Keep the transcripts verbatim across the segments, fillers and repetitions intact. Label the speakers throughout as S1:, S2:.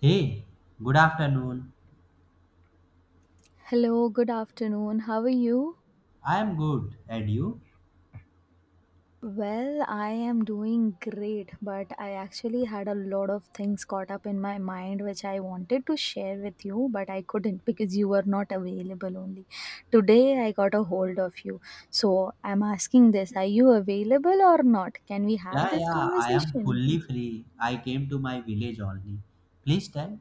S1: Hey, good afternoon.
S2: Hello, good afternoon. How are you?
S1: I am good. And you?
S2: Well, I am doing great, but I actually had a lot of things caught up in my mind which I wanted to share with you, but I couldn't because you were not available only. Today I got a hold of you. So I'm asking this, are you available or not? Can we have
S1: Yeah,
S2: this
S1: yeah, I am
S2: conversation?
S1: fully free. I came to my village only. Please tell.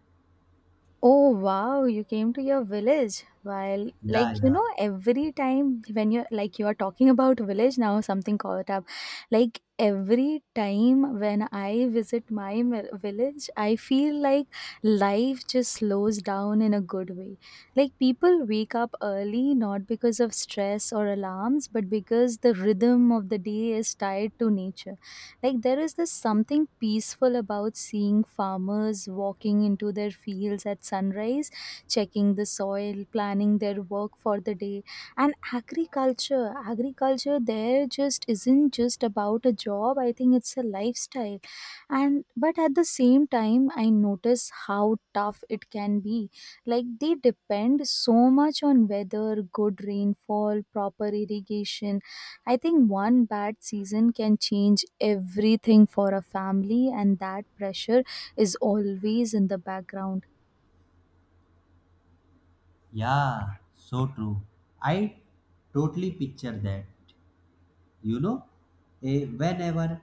S2: Oh wow, you came to your village. While
S1: Yeah,
S2: like you
S1: yeah.
S2: know, every time when you're like you are talking about village now, something caught up. Like every time when I visit my mi- village, I feel like life just slows down in a good way. Like people wake up early not because of stress or alarms, but because the rhythm of the day is tied to nature. Like there is this something peaceful about seeing farmers walking into their fields at sunrise, checking the soil, planning their work for the day. And agriculture, agriculture there just isn't just about a job. I think it's a lifestyle. And but at the same time, I notice how tough it can be. Like they depend so much on weather, good rainfall, proper irrigation. I think one bad season can change everything for a family, and that pressure is always in the background.
S1: Yeah, so true. I totally picture that. You know, eh, Whenever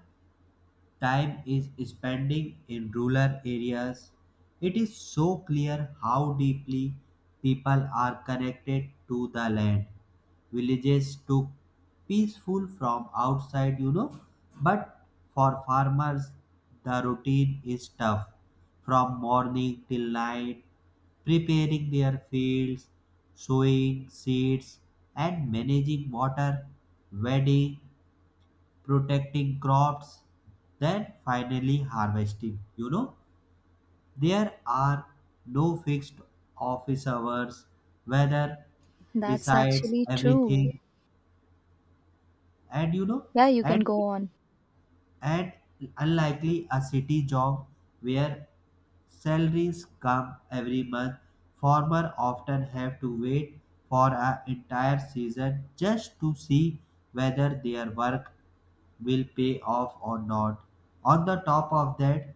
S1: time is spending in rural areas, it is so clear how deeply people are connected to the land. Villages took peaceful from outside, you know, but for farmers, the routine is tough from morning till night, preparing their fields, sowing seeds, and managing water, weeding, protecting crops, then finally harvesting. You know, there are no fixed office hours, weather
S2: That's
S1: decides
S2: actually true.
S1: everything, and you know,
S2: Yeah, you can
S1: and
S2: go on.
S1: and unlikely a city job where salaries come every month. Farmers often have to wait for an entire season just to see whether their work will pay off or not. On the top of that,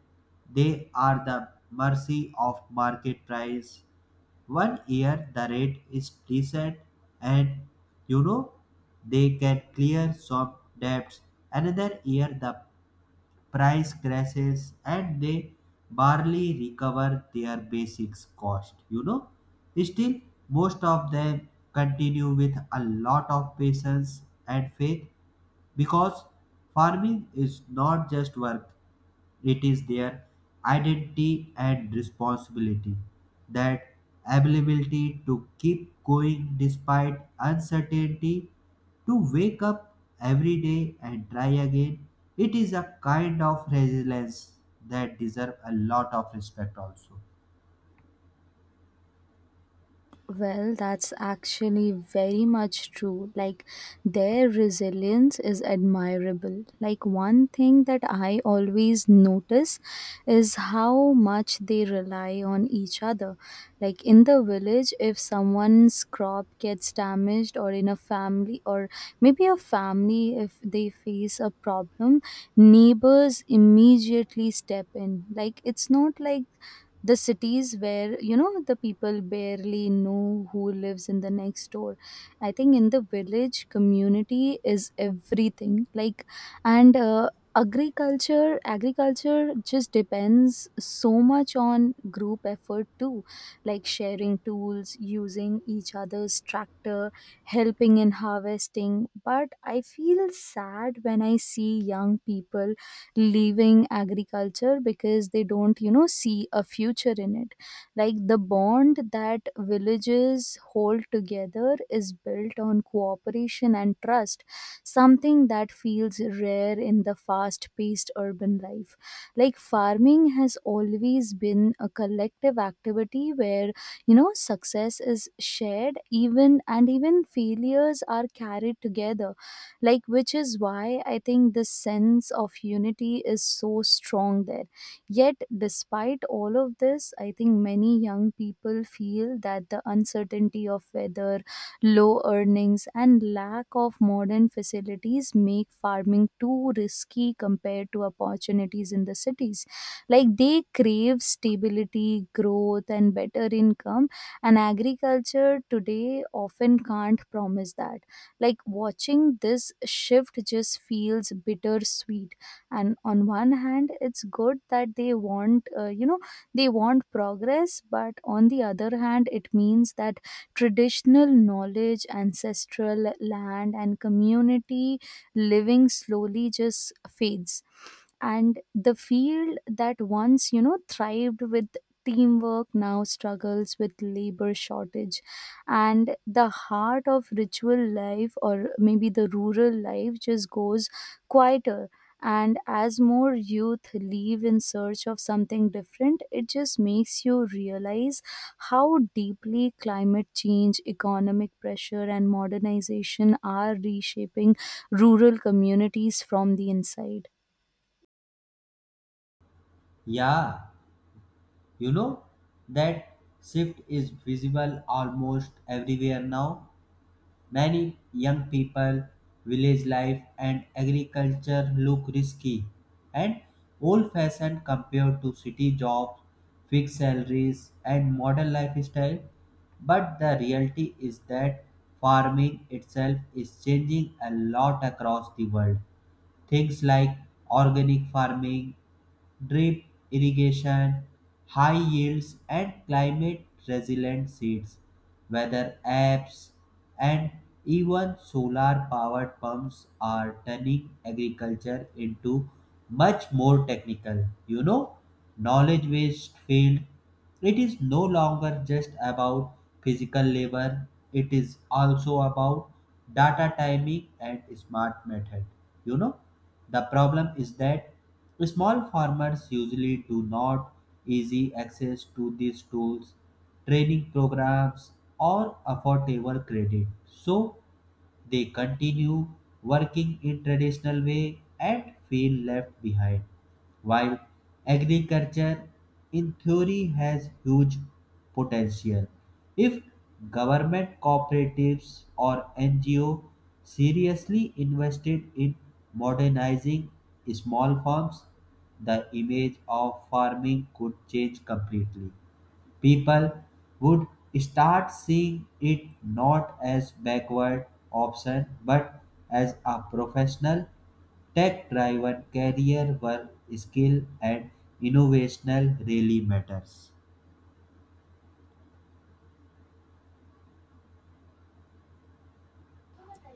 S1: they are the mercy of market price. One year the rate is decent, and you know, they can clear some debts. Another year the price crashes and they barely recover their basics cost, you know. Still, most of them continue with a lot of patience and faith because farming is not just work, it is their identity and responsibility. That ability to keep going despite uncertainty, to wake up every day and try again, it is a kind of resilience that deserve a lot of respect also.
S2: Well, that's actually very much true. Like, their resilience is admirable. Like, one thing that I always notice is how much they rely on each other. Like, in the village, if someone's crop gets damaged, or in a family, or maybe a family, if they face a problem, neighbors immediately step in. Like, it's not like the cities where you know the people barely know who lives in the next door. I think in the village community is everything. Like and uh, agriculture agriculture just depends so much on group effort too. Like sharing tools, using each other's tractor, helping in harvesting. But I feel sad when I see young people leaving agriculture because they don't you know see a future in it. Like the bond that villages hold together is built on cooperation and trust, something that feels rare in the fast paced urban life. Like farming has always been a collective activity where you know success is shared, even and even failures are carried together. Like which is why I think this sense of unity is so strong there. Yet despite all of this, I think many young people feel that the uncertainty of weather, low earnings, and lack of modern facilities make farming too risky compared to opportunities in the cities. Like they crave stability, growth, and better income, and agriculture today often can't promise that. Like watching this shift just feels bittersweet. And on one hand, it's good that they want, uh, you know, they want progress, but on the other hand, it means that traditional knowledge, ancestral land, and community living slowly just fades, and the field that once you know thrived with teamwork now struggles with labor shortage, and the heart of ritual life or maybe the rural life just goes quieter. And as more youth leave in search of something different, it just makes you realize how deeply climate change, economic pressure, and modernization are reshaping rural communities from the inside.
S1: Yeah, you know, that shift is visible almost everywhere now. Many young people, village life, and agriculture look risky and old fashioned compared to city jobs, fixed salaries, and modern lifestyle. But the reality is that farming itself is changing a lot across the world. Things like organic farming, drip irrigation, high yields, and climate resilient seeds, weather apps, and even solar powered pumps are turning agriculture into much more technical, you know, knowledge based field. It is no longer just about physical labor, it is also about data timing and smart method. You know, the problem is that small farmers usually do not easy access to these tools, training programs, or affordable credit. So they continue working in traditional way and feel left behind. While agriculture in theory has huge potential, if government cooperatives or N G O seriously invested in modernizing small farms, the image of farming could change completely. People would start seeing it not as backward option but as a professional, tech driven career where skill and innovational really matters.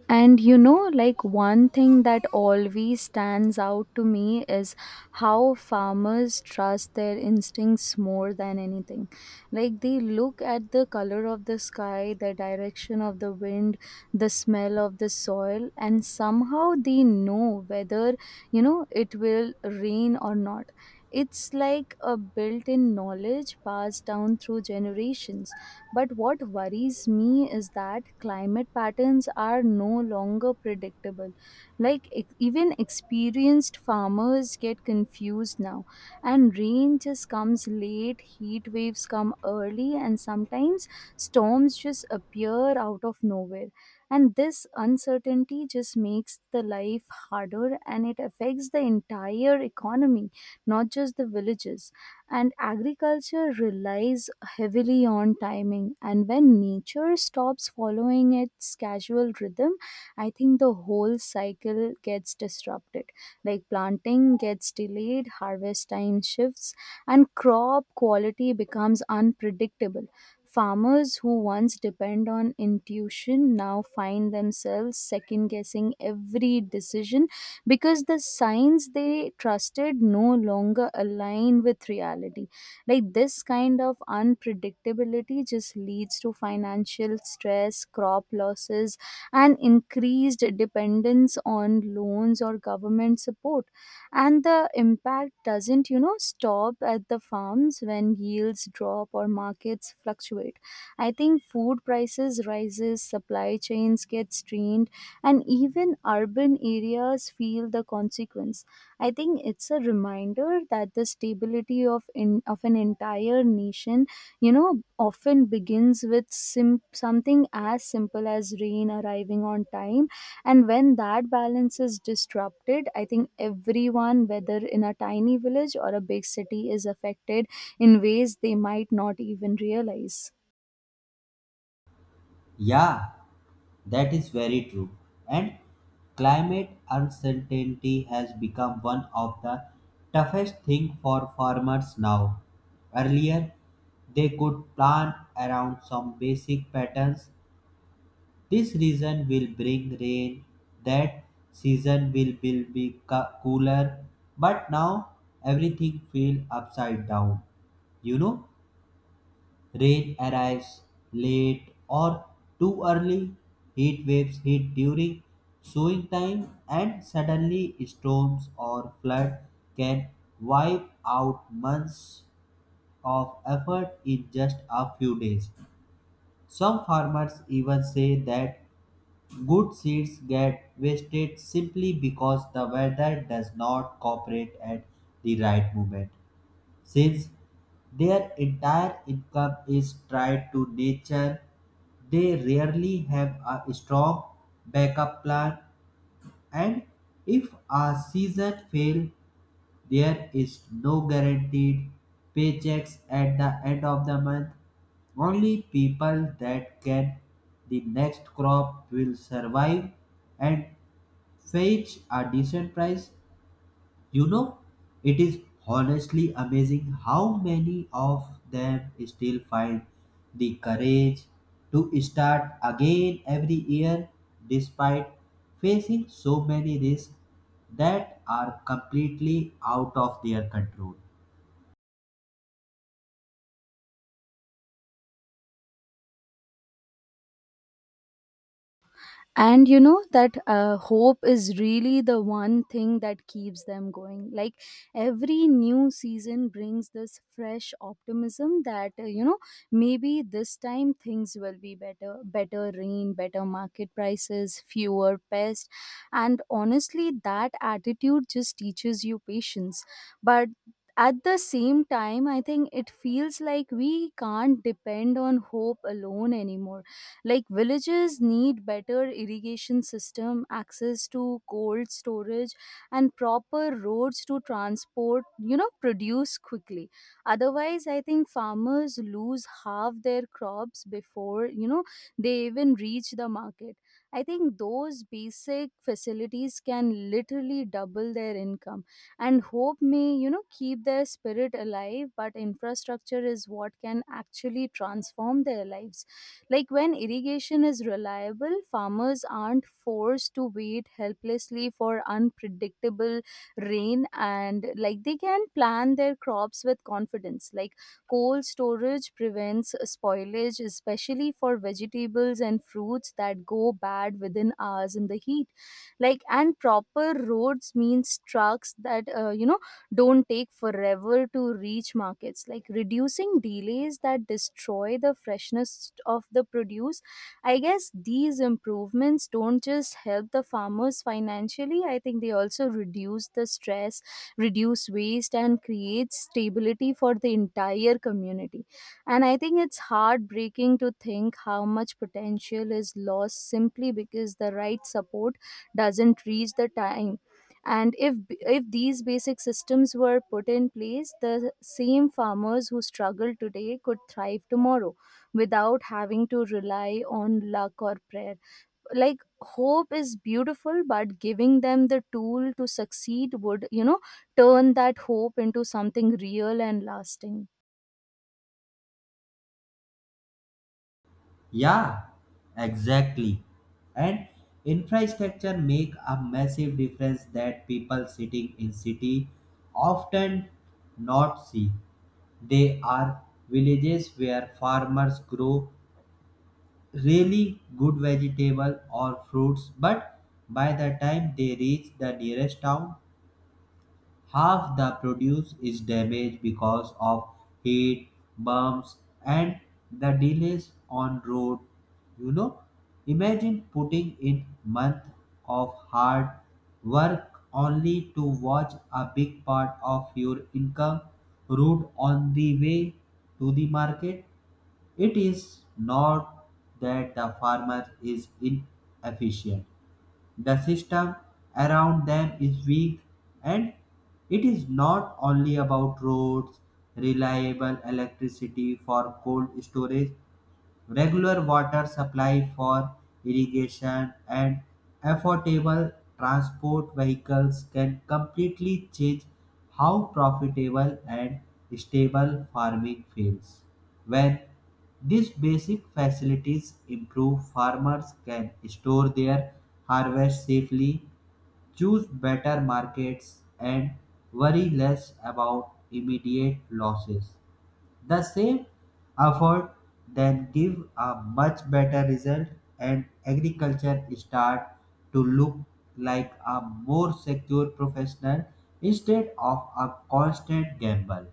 S2: And you know, like one thing that always stands out to me is how farmers trust their instincts more than anything. Like they look at the color of the sky, the direction of the wind, the smell of the soil, and somehow they know whether, you know, it will rain or not. It's like a built in knowledge passed down through generations. But what worries me is that climate patterns are no longer predictable. Like, e- even experienced farmers get confused now, and rain just comes late, heat waves come early, and sometimes storms just appear out of nowhere. And this uncertainty just makes the life harder, and it affects the entire economy, not just the villages. And agriculture relies heavily on timing, and when nature stops following its casual rhythm, I think the whole cycle gets disrupted. Like planting gets delayed, harvest time shifts, and crop quality becomes unpredictable. Farmers who once depend on intuition now find themselves second guessing every decision because the signs they trusted no longer align with reality. Like this kind of unpredictability just leads to financial stress, crop losses, and increased dependence on loans or government support. And the impact doesn't, you know, stop at the farms. When yields drop or markets fluctuate, I think food prices rises, supply chains get strained, and even urban areas feel the consequence. I think it's a reminder that the stability of in, of an entire nation, you know, often begins with sim- something as simple as rain arriving on time, and when that balance is disrupted, I think everyone, whether in a tiny village or a big city, is affected in ways they might not even realize.
S1: Yeah, that is very true. And climate uncertainty has become one of the toughest thing for farmers now. Earlier, they could plan around some basic patterns. This region will bring rain. That season will, will be co- cooler. But now everything feels upside down. You know, rain arrives late or too early. Heat waves hit during sowing time, and suddenly storms or flood can wipe out months of effort in just a few days. Some farmers even say that good seeds get wasted simply because the weather does not cooperate at the right moment. Since their entire income is tied to nature, they rarely have a strong backup plan, and if a season fails, there is no guaranteed paychecks at the end of the month. Only people that can the next crop will survive and fetch a decent price. You know, it is honestly amazing how many of them still find the courage to start again every year despite facing so many risks that are completely out of their control.
S2: And you know that uh, hope is really the one thing that keeps them going. Like every new season brings this fresh optimism that uh, you know, maybe this time things will be better, better rain, better market prices, fewer pests. And honestly, that attitude just teaches you patience. But at the same time, I think it feels like we can't depend on hope alone anymore. Like villages need better irrigation system, access to cold storage, and proper roads to transport you know produce quickly. Otherwise I think farmers lose half their crops before you know they even reach the market. I think those basic facilities can literally double their income, and hope may you know keep their spirit alive, but infrastructure is what can actually transform their lives. Like when irrigation is reliable, farmers aren't forced to wait helplessly for unpredictable rain, and like they can plan their crops with confidence. Like cold storage prevents spoilage, especially for vegetables and fruits that go bad within hours in the heat. Like and proper roads means trucks that uh, you know don't take forever to reach markets. Like reducing delays that destroy the freshness of the produce. I guess these improvements don't just help the farmers financially, I think they also reduce the stress, reduce waste, and create stability for the entire community. And I think it's heartbreaking to think how much potential is lost simply because the right support doesn't reach the time. And if if these basic systems were put in place, the same farmers who struggle today could thrive tomorrow without having to rely on luck or prayer. Like hope is beautiful, but giving them the tool to succeed would you know turn that hope into something real and lasting.
S1: Yeah, exactly. And infrastructure make a massive difference that people sitting in city often not see. They are villages where farmers grow really good vegetable or fruits, but by the time they reach the nearest town, half the produce is damaged because of heat, bumps, and the delays on road. You know, imagine putting in month of hard work only to watch a big part of your income route on the way to the market. It is not that the farmer is inefficient. The system around them is weak, and it is not only about roads. Reliable electricity for cold storage, regular water supply for irrigation, and affordable transport vehicles can completely change how profitable and stable farming feels. When these basic facilities improve, farmers can store their harvest safely, choose better markets, and worry less about immediate losses. The same effort then give a much better result, and agriculture start to look like a more secure professional instead of a constant gamble.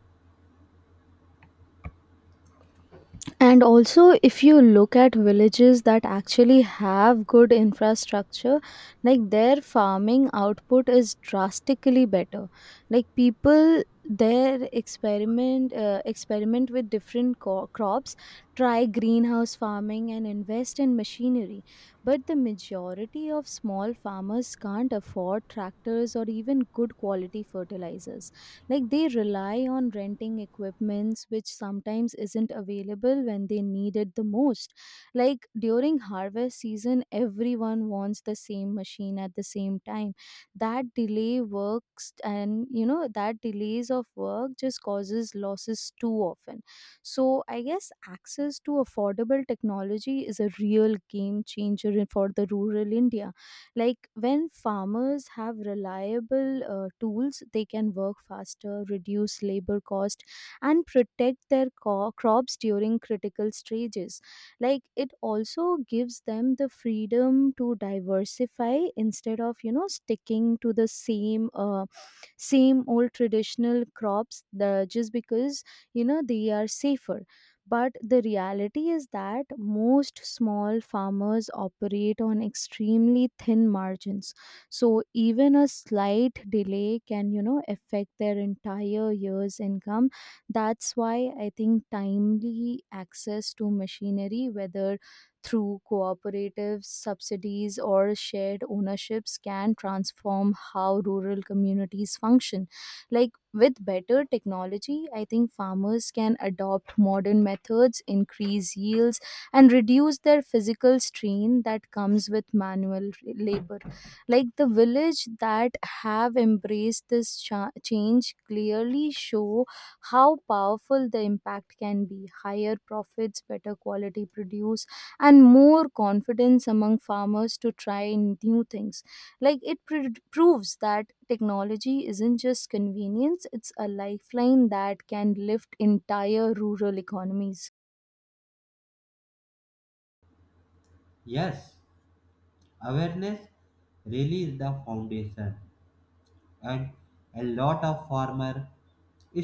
S2: And also, if you look at villages that actually have good infrastructure, like their farming output is drastically better. Like people there experiment uh, experiment with different co- crops, try greenhouse farming, and invest in machinery. But the majority of small farmers can't afford tractors or even good quality fertilizers. Like they rely on renting equipments which sometimes isn't available when they need it the most. Like during harvest season, everyone wants the same machine at the same time. That delay works, and you know that delays of work just causes losses too often. So I guess access to affordable technology is a real game changer in- for the rural India. Like when farmers have reliable uh, tools, they can work faster, reduce labor cost, and protect their co- crops during critical stages. Like it also gives them the freedom to diversify instead of you know sticking to the same uh, same old traditional crops the, just because you know they are safer. But the reality is that most small farmers operate on extremely thin margins. So even a slight delay can, you know, affect their entire year's income. That's why I think timely access to machinery, whether through cooperatives, subsidies, or shared ownerships, can transform how rural communities function. Like with better technology, I think farmers can adopt modern methods, increase yields, and reduce their physical strain that comes with manual r- labor. Like the village that have embraced this cha- change clearly show how powerful the impact can be. Higher profits, better quality produce, and more confidence among farmers to try new things. Like it pr- proves that technology isn't just convenience, it's a lifeline that can lift entire rural economies.
S1: Yes, awareness really is the foundation, and a lot of farmer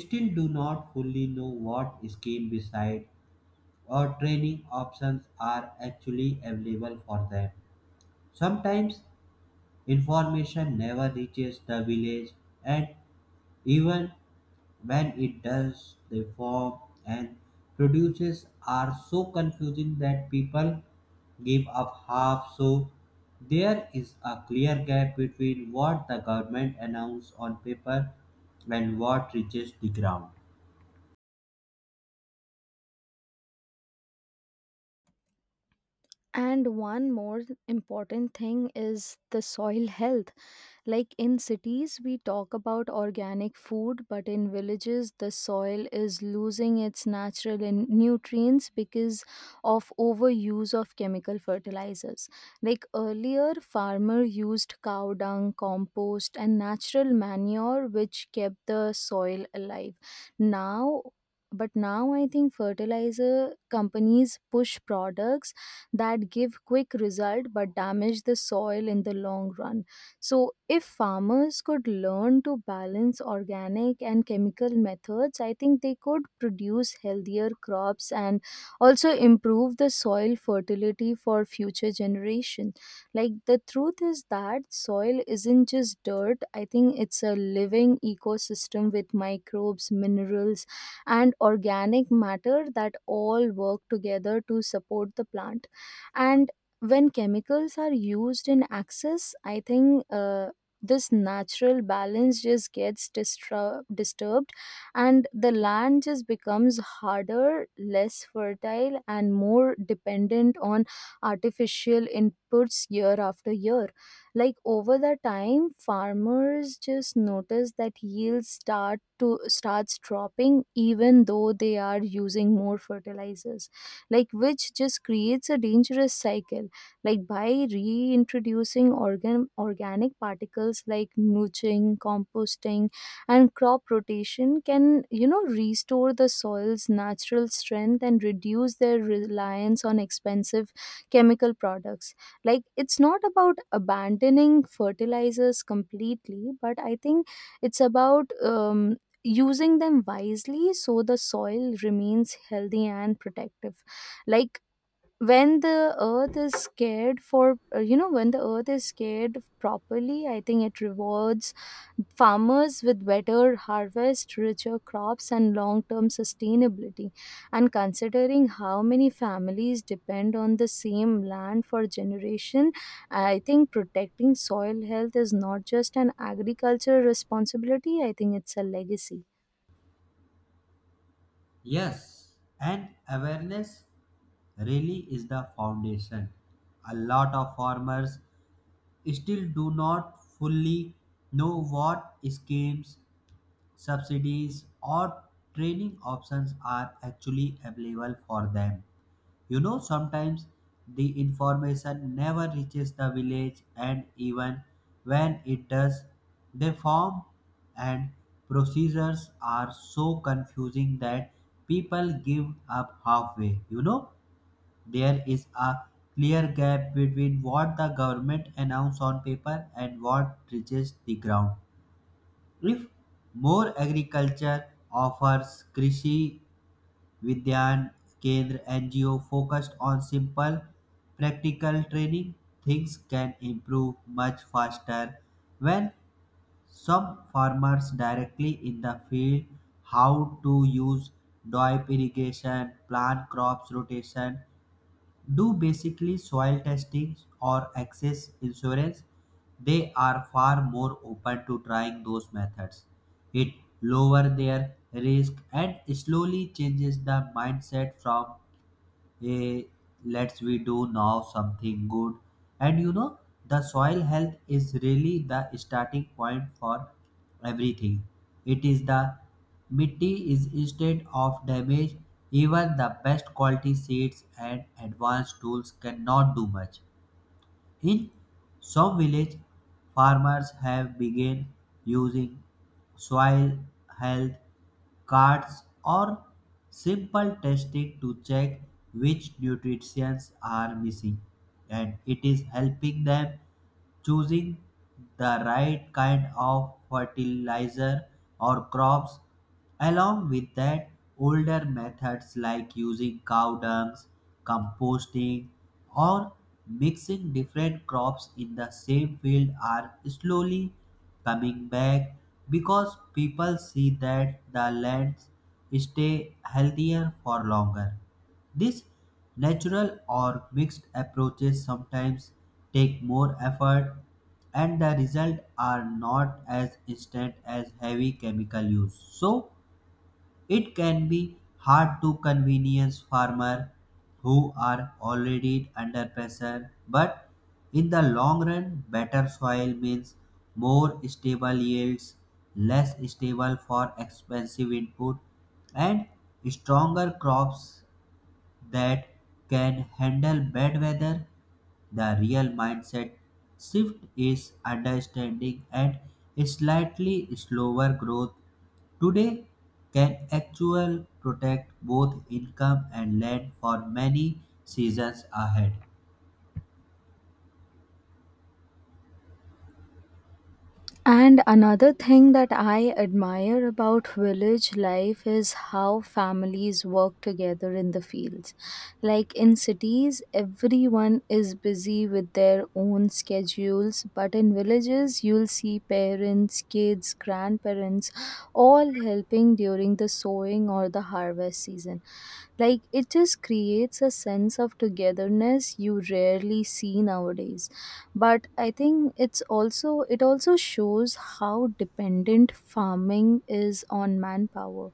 S1: still do not fully know what scheme beside or training options are actually available for them. Sometimes information never reaches the village, and even when it does, the form and produces are so confusing that people give up half. So, there is a clear gap between what the government announces on paper and what reaches the ground.
S2: And one more important thing is the soil health. Like in cities, we talk about organic food, but in villages, the soil is losing its natural in- nutrients because of overuse of chemical fertilizers. Like earlier, farmer used cow dung, compost, and natural manure, which kept the soil alive. Now, but now I think fertilizer companies push products that give quick result but damage the soil in the long run. So if farmers could learn to balance organic and chemical methods, I think they could produce healthier crops and also improve the soil fertility for future generation. Like the truth is that soil isn't just dirt, I think it's a living ecosystem with microbes, minerals and organic matter that all work together to support the plant. And when chemicals are used in excess, I think uh, this natural balance just gets distru- disturbed, and the land just becomes harder, less fertile and more dependent on artificial inputs year after year. Like over the time, farmers just notice that yields start to starts dropping even though they are using more fertilizers, like which just creates a dangerous cycle. Like by reintroducing organ organic particles like mulching, composting and crop rotation can, you know, restore the soil's natural strength and reduce their reliance on expensive chemical products. Like it's not about abandoning fertilizers completely, but I think it's about, um, using them wisely so the soil remains healthy and protective. Like when the earth is scared for uh, you know when the earth is scared properly, I think it rewards farmers with better harvest, richer crops and long term sustainability. And considering how many families depend on the same land for generation, I think protecting soil health is not just an agricultural responsibility, I think it's a legacy.
S1: Yes, and awareness really is the foundation. A lot of farmers still do not fully know what schemes, subsidies, or training options are actually available for them. You know, sometimes the information never reaches the village, and even when it does, the form and procedures are so confusing that people give up halfway. You know, there is a clear gap between what the government announces on paper and what reaches the ground. If more agriculture offers Krishi Vidyan Kendra N G O focused on simple practical training, things can improve much faster. When some farmers directly in the field how to use drip irrigation, plant crops rotation, do basically soil testing or access insurance, they are far more open to trying those methods. It lower their risk and slowly changes the mindset from eh, let's we do now something good. And you know, the soil health is really the starting point for everything. It is the mitti is instead of damage, even the best quality seeds and advanced tools cannot do much. In some villages, farmers have begun using soil health cards or simple testing to check which nutrients are missing, and it is helping them choosing the right kind of fertilizer or crops. Along with that, older methods like using cow dung, composting, or mixing different crops in the same field are slowly coming back because people see that the lands stay healthier for longer. These natural or mixed approaches sometimes take more effort and the results are not as instant as heavy chemical use. So, it can be hard to convenience farmers who are already under pressure, but in the long run, better soil means more stable yields, less stable for expensive input, and stronger crops that can handle bad weather. The real mindset shift is understanding and slightly slower growth today can actually protect both income and land for many seasons ahead.
S2: And another thing that I admire about village life is how families work together in the fields. Like in cities, everyone is busy with their own schedules, but in villages, you'll see parents, kids, grandparents all helping during the sowing or the harvest season. Like it just creates a sense of togetherness you rarely see nowadays, but I think it's also, it also shows how dependent farming is on manpower.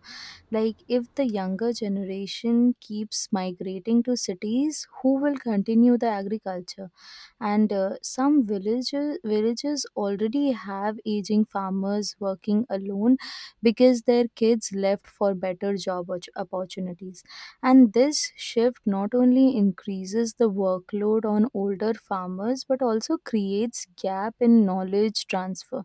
S2: Like if the younger generation keeps migrating to cities, who will continue the agriculture? And uh, some villages villages already have aging farmers working alone because their kids left for better job opp- opportunities, and this shift not only increases the workload on older farmers but also creates gap in knowledge transfer,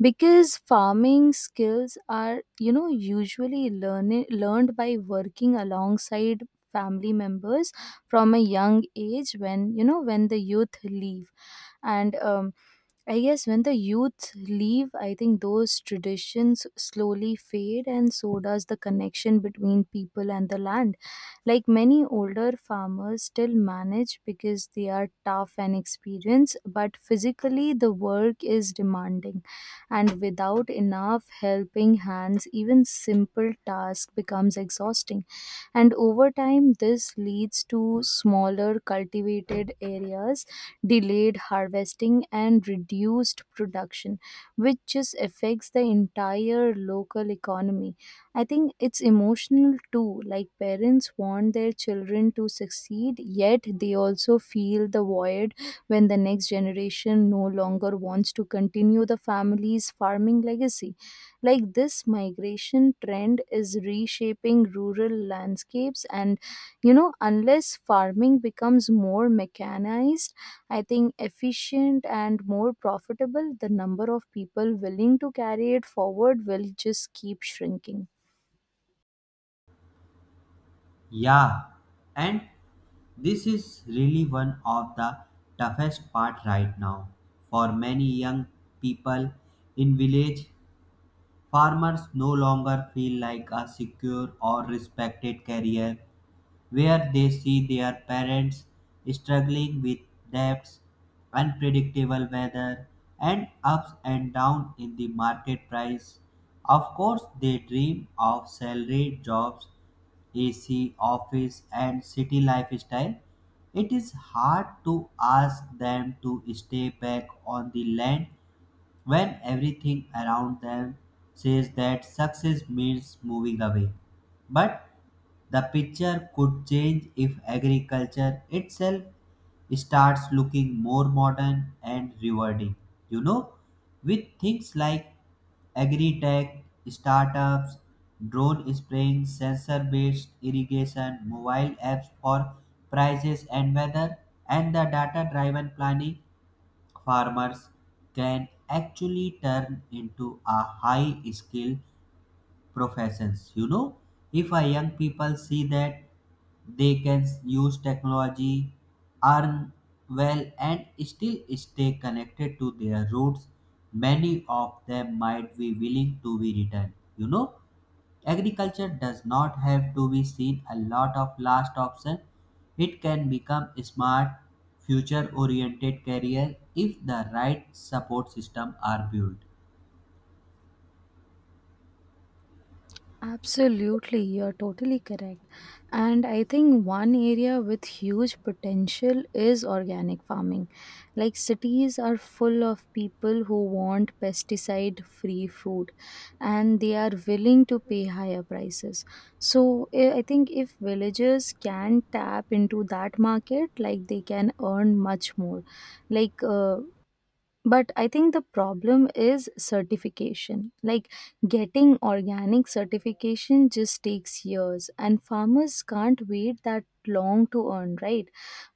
S2: because farming skills are, you know, usually learn- learned by working alongside family members from a young age. When, you know when the youth leave, and um, I guess when the youth leave I think those traditions slowly fade, and so does the connection between people and the land. Like many older farmers still manage because they are tough and experienced, but physically the work is demanding, and without enough helping hands, even simple task becomes exhausting. And over time this leads to smaller cultivated areas, delayed harvesting and reduced production, which just affects the entire local economy. I think it's emotional too, like parents want their children to succeed, yet they also feel the void when the next generation no longer wants to continue the family's farming legacy. Like this migration trend is reshaping rural landscapes, and, you know, unless farming becomes more mechanized, I think efficient and more profitable, the number of people willing to carry it forward will just keep shrinking.
S1: Yeah, and this is really one of the toughest part right now for many young people in village. Farmers no longer feel like a secure or respected career where they see their parents struggling with debts, unpredictable weather, and ups and downs in the market price. Of course, they dream of salaried jobs, A C, office, and city lifestyle. It is hard to ask them to stay back on the land when everything around them says that success means moving away. But the picture could change if agriculture itself starts looking more modern and rewarding. You know, with things like agri-tech, startups, drone spraying, sensor-based irrigation, mobile apps for prices and weather, and the data-driven planning, farmers can actually turn into a high skill professions. You know, if a young people see that they can use technology, earn well, and still stay connected to their roots, many of them might be willing to be returned, you know. Agriculture does not have to be seen a lot of last option. It can become a smart, future oriented career if the right support system are built.
S2: Absolutely, you're totally correct. And I think one area with huge potential is organic farming. Like cities are full of people who want pesticide free food, and they are willing to pay higher prices. So eh, I think if villagers can tap into that market, like they can earn much more. Like uh, but I think the problem is certification. Like getting organic certification just takes years, and farmers can't wait that long to earn, right?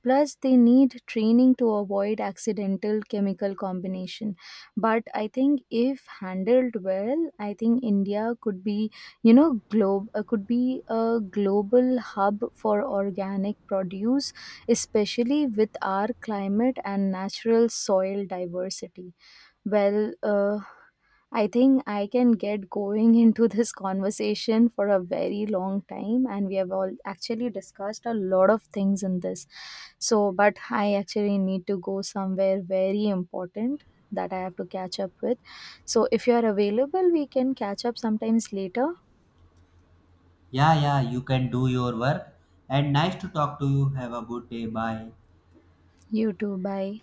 S2: Plus, they need training to avoid accidental chemical combination. But I think if handled well, I think India could be, you know, globe uh, could be a global hub for organic produce, especially with our climate and natural soil diversity. Well, uh, I think I can get going into this conversation for a very long time, and we have all actually discussed a lot of things in this. So, but I actually need to go somewhere very important that I have to catch up with. So, if you are available, we can catch up sometimes later.
S1: Yeah, yeah, you can do your work and nice to talk to you. Have a good day. Bye.
S2: You too. Bye.